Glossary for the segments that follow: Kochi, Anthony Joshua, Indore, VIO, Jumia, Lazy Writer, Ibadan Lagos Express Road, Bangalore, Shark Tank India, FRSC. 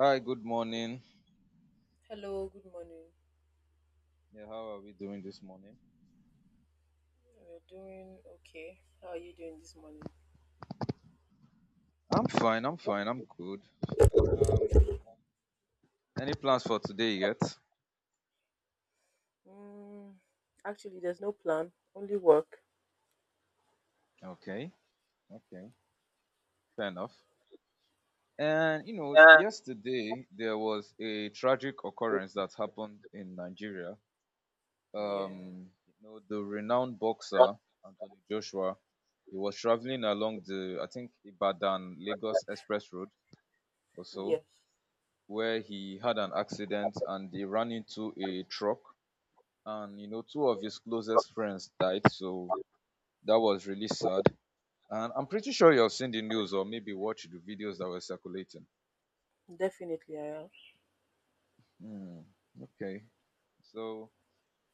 Hi, good morning. Yeah, how are we doing this morning? I'm fine, I'm good. Um, any plans for today yet? Okay, okay, fair enough. And you know, Yeah. yesterday there was a tragic So occurrence that happened in Nigeria. The renowned boxer Anthony Joshua, he was traveling along the, I think, Ibadan Lagos Express Road or so, where he had an accident and he ran into a truck, and you know, two of his closest friends died, so that was really sad. And I'm pretty sure you've seen the news or maybe watched the videos that were circulating. Hmm. Okay, so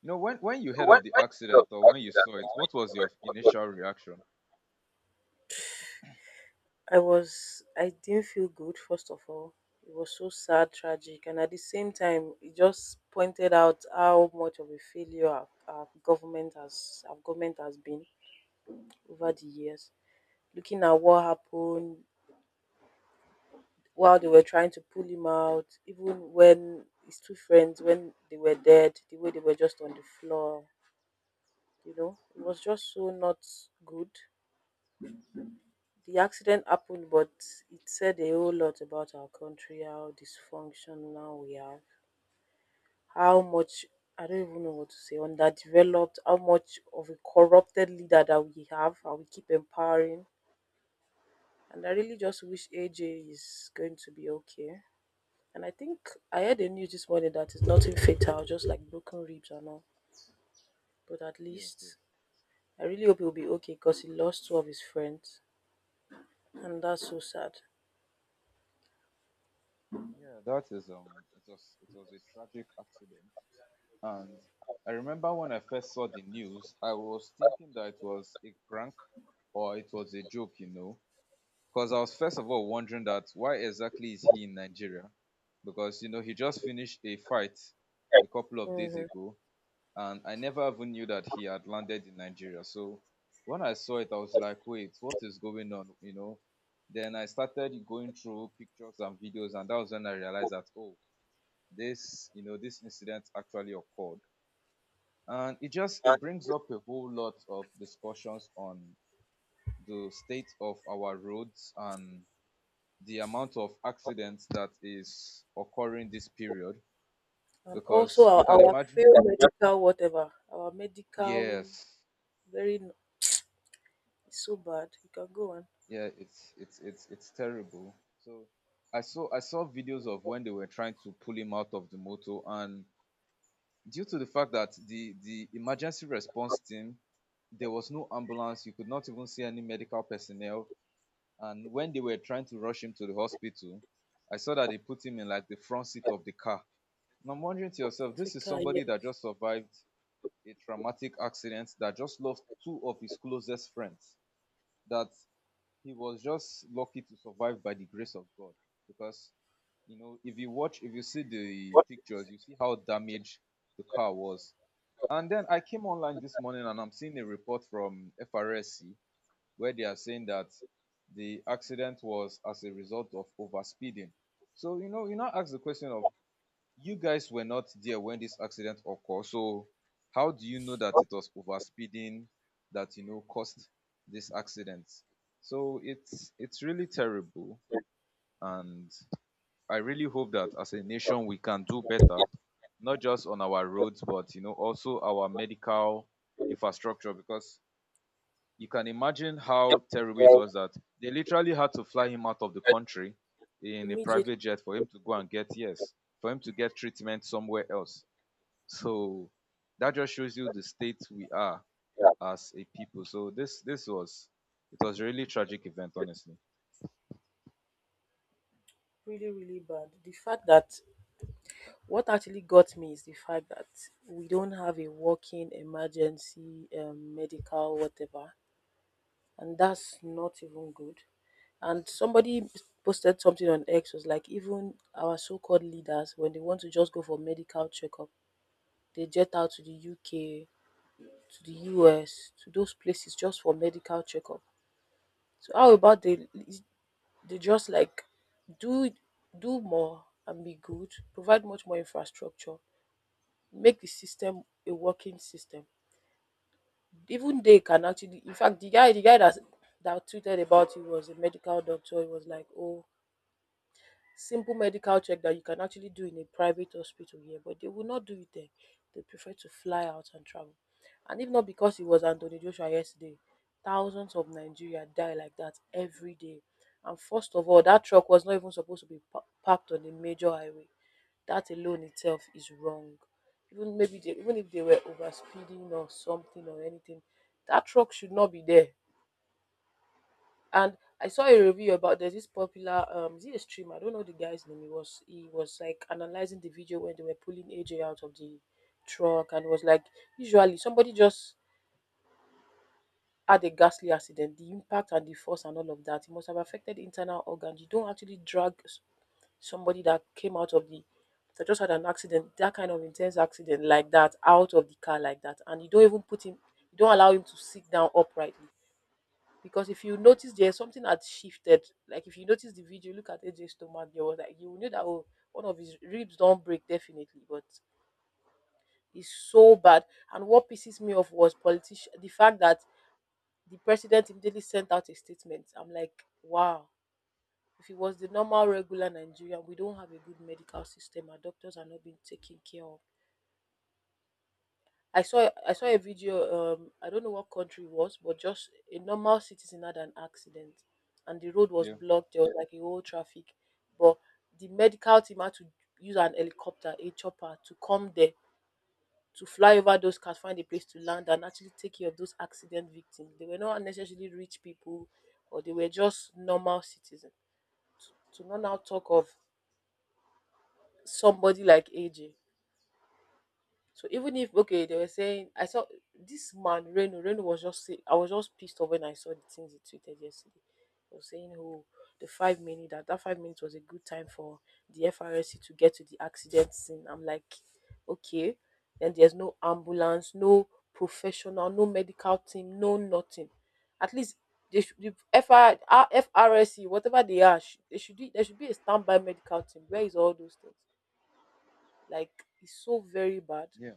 when you heard when of the when you heard accident of or the when you accident saw or it, when what you was saw your it, what was initial reaction? Yes, yes. Yeah, that is it was, a tragic accident. And I remember when I first saw the news, I was thinking that it was a prank or it was a joke. Because I was first of all wondering that why exactly is he in Nigeria? Because you know, he just finished a fight your a couple of days ago, and I never even knew that he had landed in Nigeria. So when I saw it, I was like, wait, what is going on? Then I started going through pictures and videos, and that was when I head? realized that oh, this this incident actually occurred, and it just And it brings up a whole lot of discussions on the state of our roads and the amount of accidents that is occurring this period, because you can imagine. Yes, yeah, it's terrible. So I saw videos of when they were trying to pull him out of the motor, and due to the fact that the emergency response team, there was no ambulance, you could not even see any medical personnel. And when they were trying to rush him to the hospital, I saw that they put him in like the front seat of the car. And I'm wondering to yourself, this is somebody that just survived a traumatic accident, that just lost two of his closest friends, that he was just lucky to survive by the grace of God. Because you know, if you see the what pictures, you see how damaged the car was. And then I came online this morning and I'm seeing a report from FRSC where they are saying that the accident was as a result of overspeeding. So you know, you now ask the question of, you guys were not there when this accident occurred, so how do you know that what it is was the overspeeding that caused this accident? So it's really terrible. best And I really hope that as a nation we can do better, not just on our roads but you know, also our medical thing infrastructure. Because you can imagine if how terrible it you was that they literally had to fly him out of the had country in a private jet for him to go and get yes for him to get treatment somewhere else. So that just shows you the state we are that as a people. So this was, it was a really tragic event, honestly. Yeah, yeah,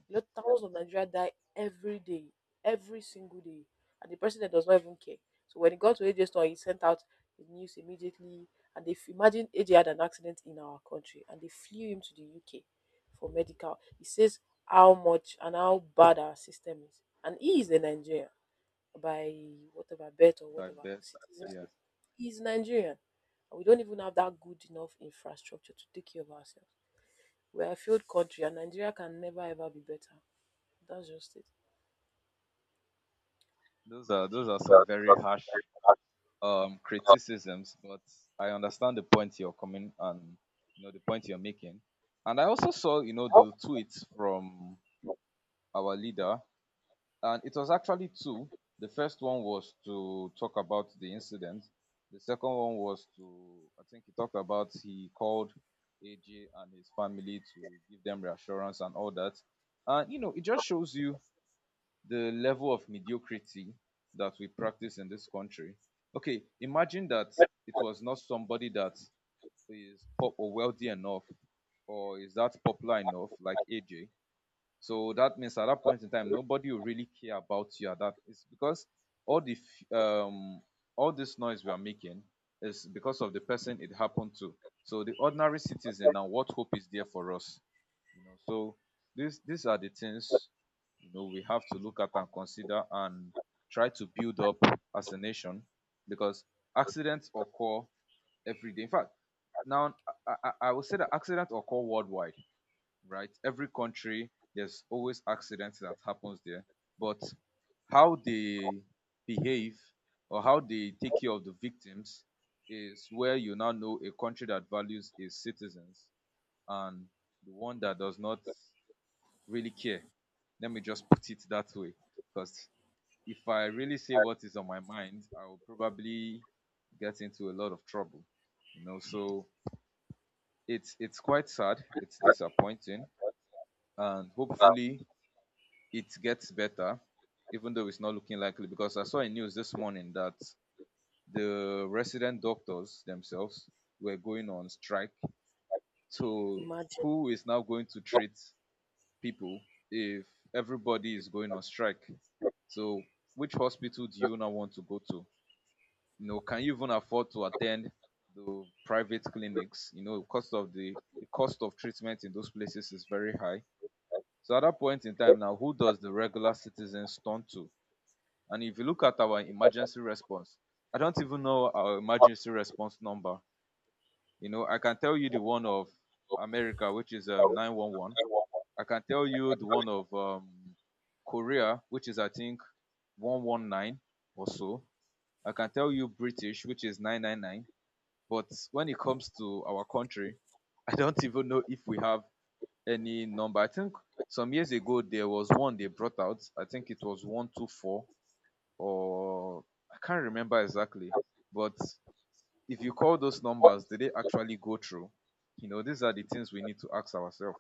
like that. Yeah, those are, so some very so harsh very criticisms, but I understand the point you're coming and you know, the point you're making. And I also saw you know, the tweets from you our leader. And it was actually two. The first one was to talk about the incident. The second one was to, I think he talked about he called AJ and his family to give them reassurance and all that. And you know, it just shows you the level of mediocrity that we practice in this country. Okay, imagine that with that it that was not somebody that is pop or wealthy enough or is that popular enough, like AJ, so that means at that point in time, you nobody will really care about you at that. It's because all the f- um all this noise we are making is because of the person it happened to. So the ordinary citizen can now, what hope is there for us? You know, so these are the that things, you know, we have to look at and consider and try to build up as a nation, because accidents occur every day. In fact, now I will say that accidents occur worldwide, right? Every country, there's always accidents that happens there, but how they behave or how they take care of the victims is where you now know a country that values its citizens and the one that does not really care. Let me just put it that way, because if I really say what is on my mind, I will probably get into a lot of trouble, you know. So it's quite sad, I it's I disappointing, and um hopefully it gets better, even though it's not looking likely. Because I saw in news this morning that the resident doctors themselves were going on strike. So who is now going to you treat people if everybody is going on strike? So which hospital do you now want to go to? You know, can you even afford to attend the private clinics? You know, cost of the cost of treatment in those places is very high. So at that point in can time now, who does the regular citizens turn to? And if you look at our that I emergency response, I don't even know our want emergency response number. You know, I can tell you the one of to America, which is go 911. I want I can tell I you can the tell one you of Korea, which is, I think, 119 or so. I can tell you British, which is 999. But when it comes to our country, I don't even know if we have any number. I think some years ago, there was one they brought out. I think it was 124 or I can't remember exactly, but if you call those what numbers, did they actually go through? You know, these are the things we need to ask ourselves.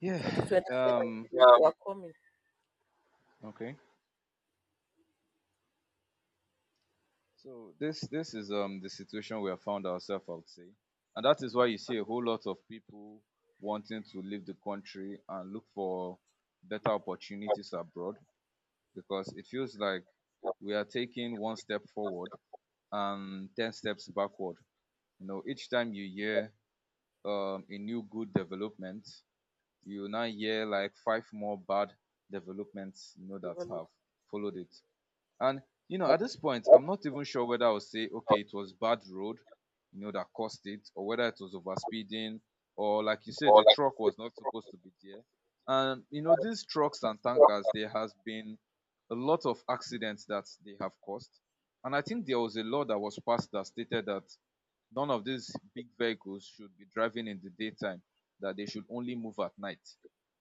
Yeah. Um. people. Okay. So this is the situation we have found ourselves, I would say, and that is why you see a whole lot of people wanting to leave the country and look for better opportunities abroad, because it feels like we are taking one step forward and ten steps backward. You know, each time you hear a new good development, you now hear like five more bad developments, you know, that have followed it. And you know, That's at this point, that's I'm not even sure whether I'll say, not okay, it was bad road, you know, that caused it, or whether it was overspeeding, or like you said, all. the Like truck you was not said, trust supposed to us. be there. And you I know, these trucks just and tankers, trust there has been a lot of accidents that they have caused. And I think there was a law that was passed that stated that none of these big vehicles should be driving in the daytime, that they should only move at night.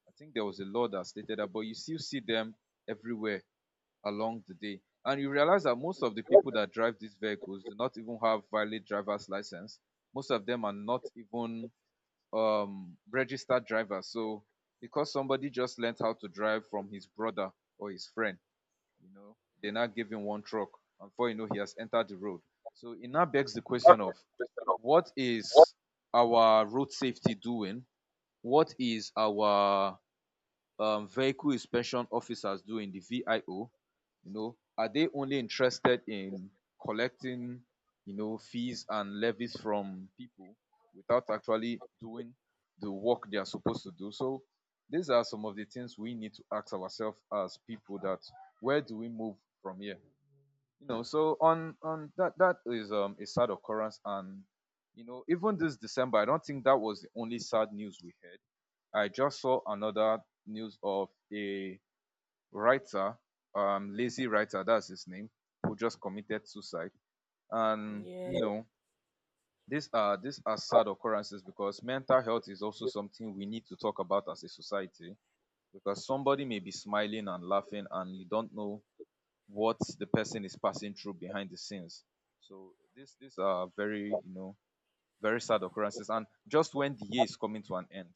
I think there was a law that stated that, but you still see them everywhere along the day. And you realize that most of the you. people that drive these vehicles do not even have valid driver's license. Most of them are not even registered drivers. So because somebody just learned how to drive from his brother or his friend, you know, they now give him one truck. And before you know, he has entered the road. So it now begs the question That's the of, question of what what is our road safety doing? What is our vehicle inspection officers doing, the VIO? You know, are they only interested in collecting, you know, fees and levies from people without actually doing the work they are supposed to do? So these are some of the things we need to ask ourselves as people, that where do we move from here? You know, so on that, that is a sad occurrence. And you know, even this December, I don't think that was the only sad news we heard. I just saw another news of a writer, Lazy Writer, that's his name, who just committed suicide. And you you know, these are are sad occurrences, because mental health is also doing. something we need to talk about as a society. Because somebody may be smiling and laughing, and you don't know what the person is passing through behind the scenes. So this these are very, you know, very sad occurrences, and just when the year is coming to an end,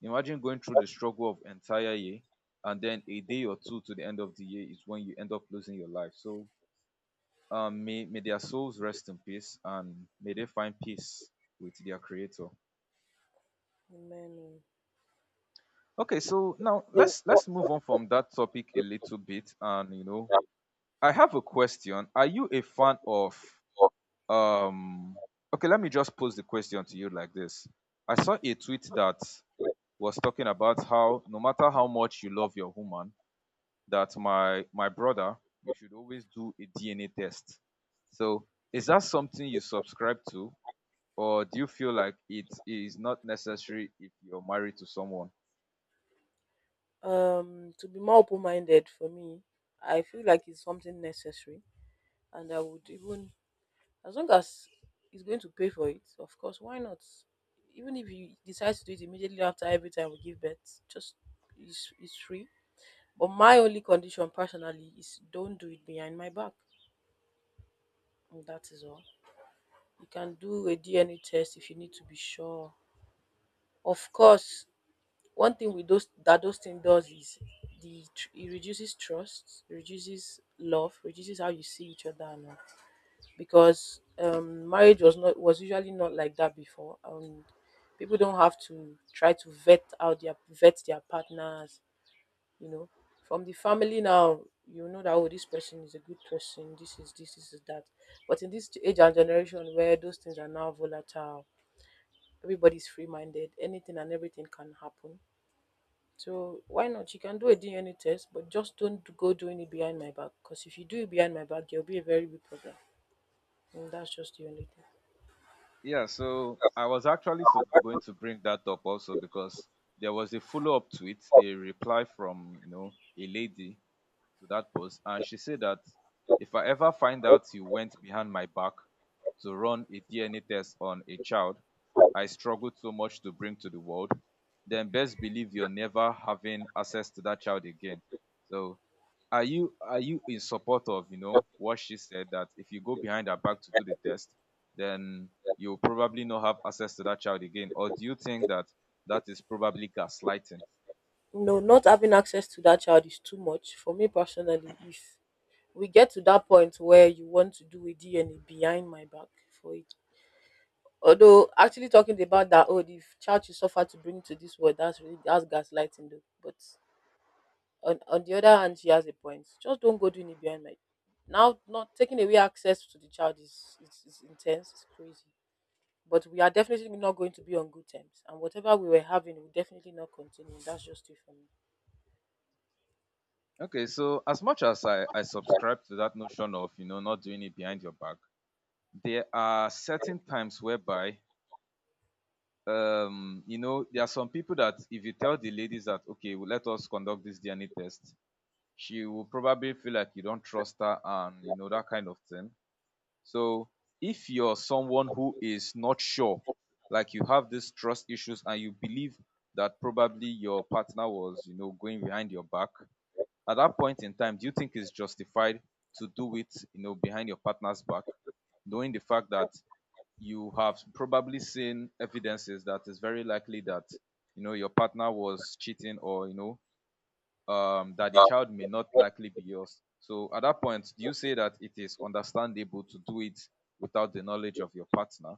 imagine going through the struggle of entire year, and then a day or two to the end of the year is when you end up losing your life. So may their souls rest in peace and may they find peace with their creator. Okay, so now So, let's what let's move on from that topic a little bit. I have a question. Are you a fan of um okay, let me just pose the question to you like this. I saw a tweet that you are doing, was talking about how no matter how much you love your woman, that my brother, you should always do a DNA test. So is that something you subscribe to, or do you feel like it is not necessary if you're married to someone? Yeah, so I was actually I was going actually to bring that up also thinking because there was a follow-up to it, of a reply from you know a lady to that post, and she said that the if I ever find out you went behind my back to run a DNA test on a child exercise, I struggled so much to bring to the world, then best believe you're never having access to that child again. So are you in support of, you know, just what she said, that if you go behind her back to do the the exercise, test, then you'll probably not have access to that child again? Or do you think that that is probably gaslighting? Okay, so as much as I and subscribe to that notion of you know not doing it behind your back, there are I think, certain times whereby you know there are some people that if you tell the ladies that okay well, let us conduct this DNA test, she will probably feel like you don't trust her and you know that kind of thing. So if you're someone who is not sure, like you have these trust issues and you believe that probably your partner was you know going behind your back, at that point in time, do you think it's justified to do it, you know, behind your partner's back, knowing the fact that you have probably seen evidences that it's very likely that you know your partner was cheating or you know that the um, child may not what likely be yours. So at that point, do you say that it is understandable to do it without the knowledge of your partner?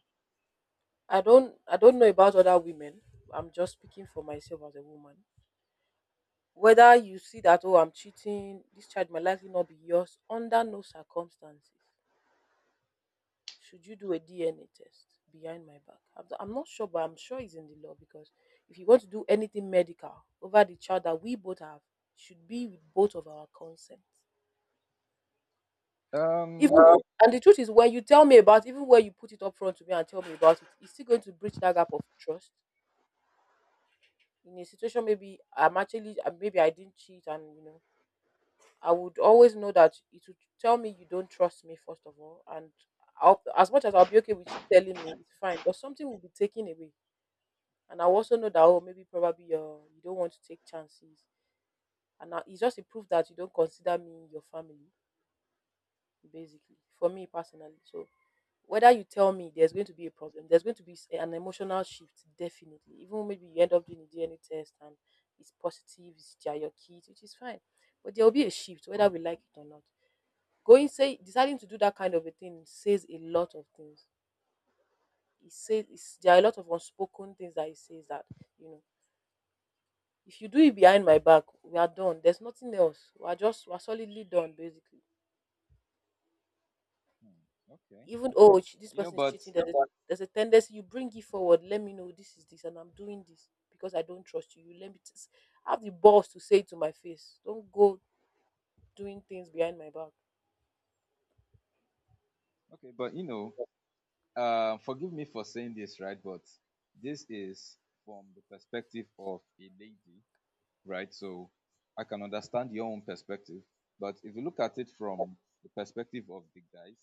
Um. now Hmm, okay. Okay. You I know, but want to okay, but you know, forgive me for saying this, right? But this is from the perspective of a lady, right? So I can understand your own perspective. But if you look at it from the perspective of the guys,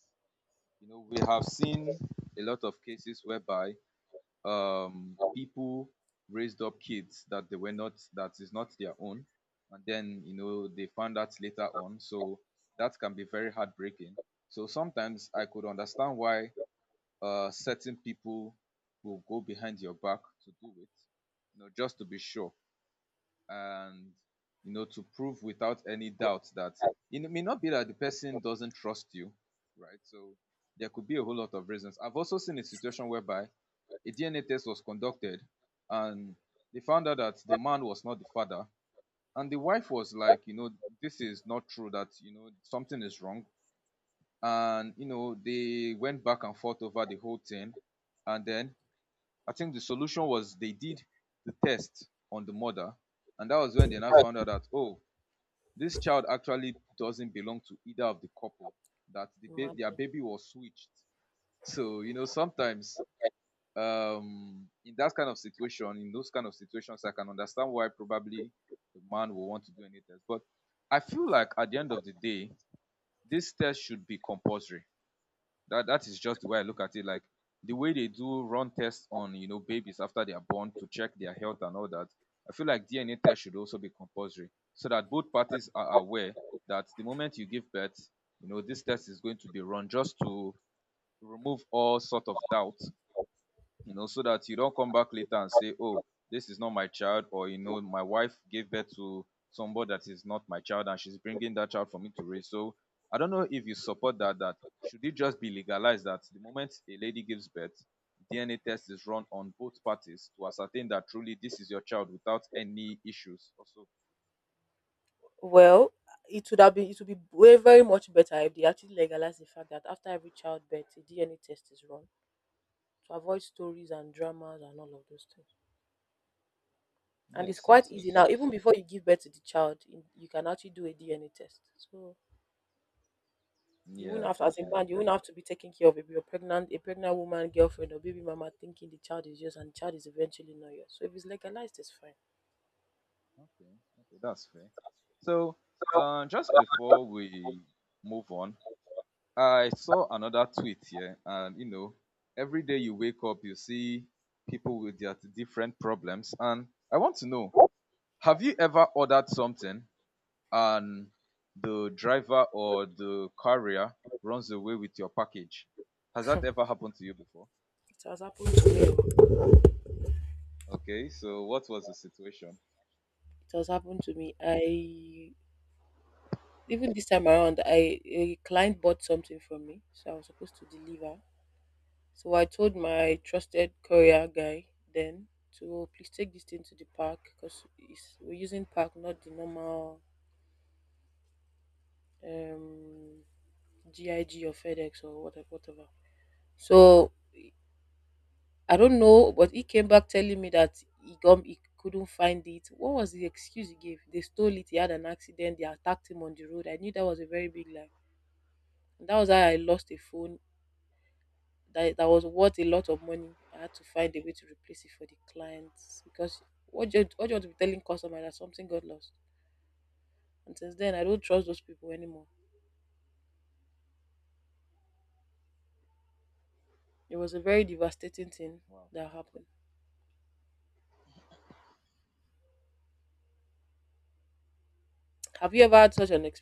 you know, we have seen a lot of cases whereby know, people raised up kids that they were not, that is not their own. And then, you know, they found out later on. So that can be very heartbreaking. So sometimes I could understand why certain people will go behind your back to do it, you know, just to be sure and you know to prove without any doubt that like, it may not be that the person doesn't trust you, right? So there could be a whole lot of reasons. I've also seen a situation whereby a DNA test was conducted and they found out that the man was not the father, and the wife was like, you know, this is not true, that, you know, something is wrong. And, you know, they went back and forth over the whole thing. And then I think the solution was they did the test on the mother, and that was when they now the found out that oh, this child actually doesn't belong to either of the couple. That the their baby was switched. So you know sometimes in that kind of situation, in those kind of situations, I can understand why probably the man will want to do any test. But I feel like at the end of the day, this test should be compulsory. That that is just the way I look at it. Like the way they do run tests on you know babies after they are born to check their health and all that, I feel like DNA test should also be compulsory so that both parties are aware that the moment you give birth, you know this test is going to be run just to remove all sort of doubt, you know, so that you don't come back later and say oh, this is not my child, or you know my wife gave birth to somebody that is not my child and she's bringing that child for me to raise. So I don't know if you support that. That should it just be legalized that the moment a lady gives birth, DNA test is run on both parties to ascertain that truly this is your child without any issues also? Yes, yes, yes. So yeah, definitely. Okay. Okay, that's fair. So So, just that's before all. we move on, I saw another tweet here, and you know, every day you wake up, you see people with their different problems. And I want to know, What's have you ever ordered something and the driver or the carrier runs away with your package? Has that ever happened to you before? Okay, so what was the situation? Wow.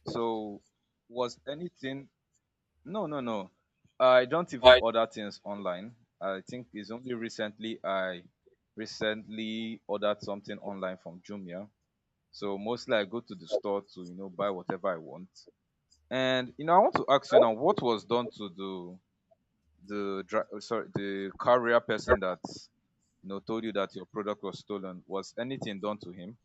So, was anything... No, no, no. I don't even my order things online. I think it's only recently I recently ordered something online from Jumia. So mostly I go to the first store to, you know, buy whatever I want. And you know, I want to ask you version? now, what was done to the dri- sorry, the carrier person that you know told you that your product was stolen? Was anything done to him?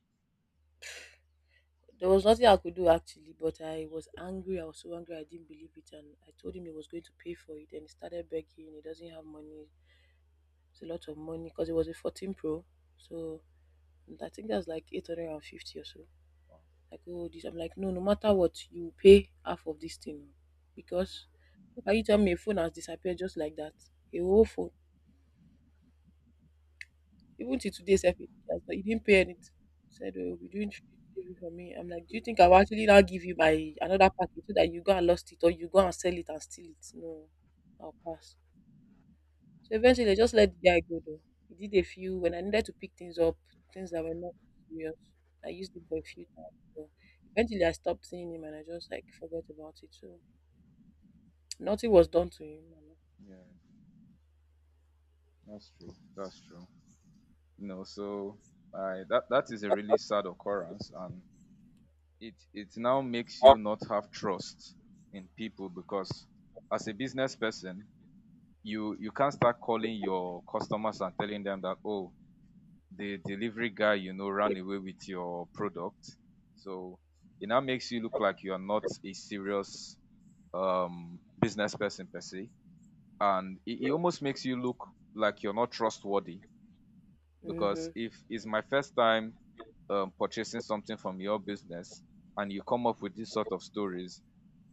Wow, okay. Yeah, that's true. That's true. You know, so I that is a really That's sad occurrence, and it now makes one you of not have trust in people. Because as a business person, you can't start calling your customers and telling them that oh, the delivery guy you know ran away with your product. So it now makes you look like you are not a serious business person per se. And it almost makes you look like you're not trustworthy, because if it's my first time purchasing something from your business and you come up with these sort of stories,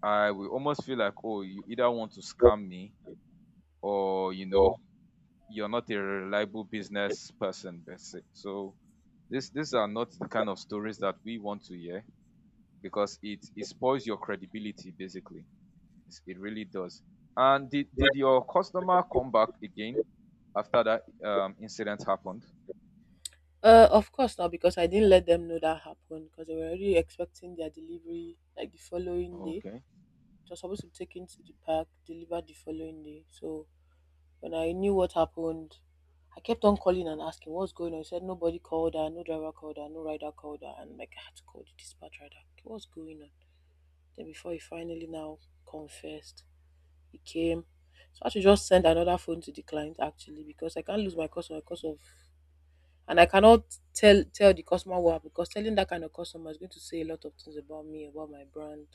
I will almost feel like oh, you either want to your, scam me, or you uh, know you're not a reliable business person per se. So this these are not the kind of stories that we want to hear, because it spoils your credibility basically. It's... it really does. And did like, your customer come back again after that incident happened? Okay.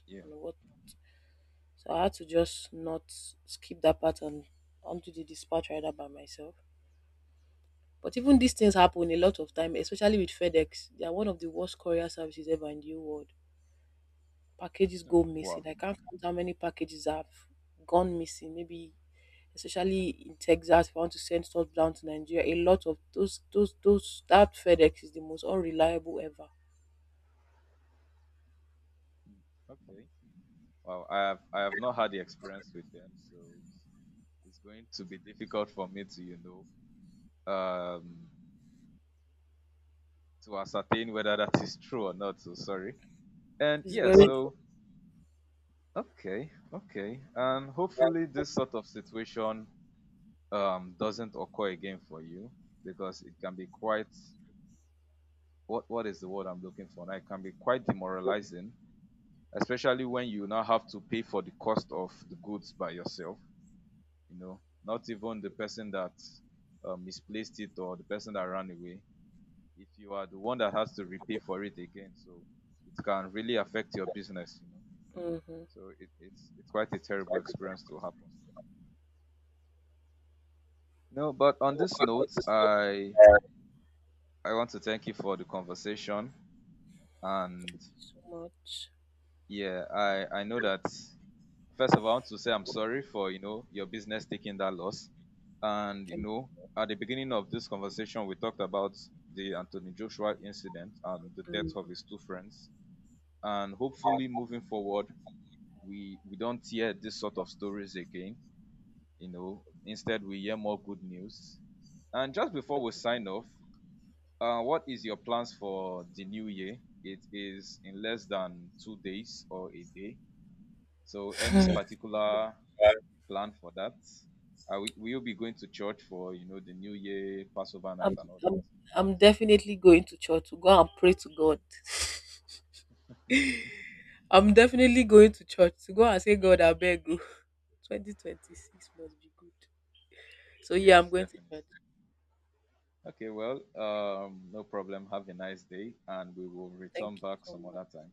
Yeah. Oh, wow. Okay. Wow. I have not had the experience with them, so it's going to be difficult for me to, you know, to ascertain whether that is true or not. So sorry. And yeah, so okay, okay. And like, hopefully this sort of situation doesn't occur again for you, because it can be quite... what is the word I'm looking for now? It can be quite groups, demoralizing, especially when you now have to pay for the cost of the goods by yourself, you know, not even the person that misplaced it or the person that ran away. If you are the one that has to repay for it again, so it can really affect your business, you know. So it's quite a so terrible experience I to happen. You know, but on this i note, just go I back want to thank you for the conversation, and yeah, I know and that... First of all, I want to say I'm look sorry for you know your business taking that loss. And you know, at the beginning of this conversation, we talked about the Anthony Joshua incident and the death of his two friends. And hopefully, on. moving forward, we don't hear this sort of stories again. You know, instead we hear more good news. And just before we sign off, what is your plans for the new year? It is in less than 2 days or a day. So, any... particular plan for that? Are we, will you be going to church for you know the New Year, Passover night, and all that? Yes, definitely. Okay, well, no problem. Have a nice day, and we will return back some other time.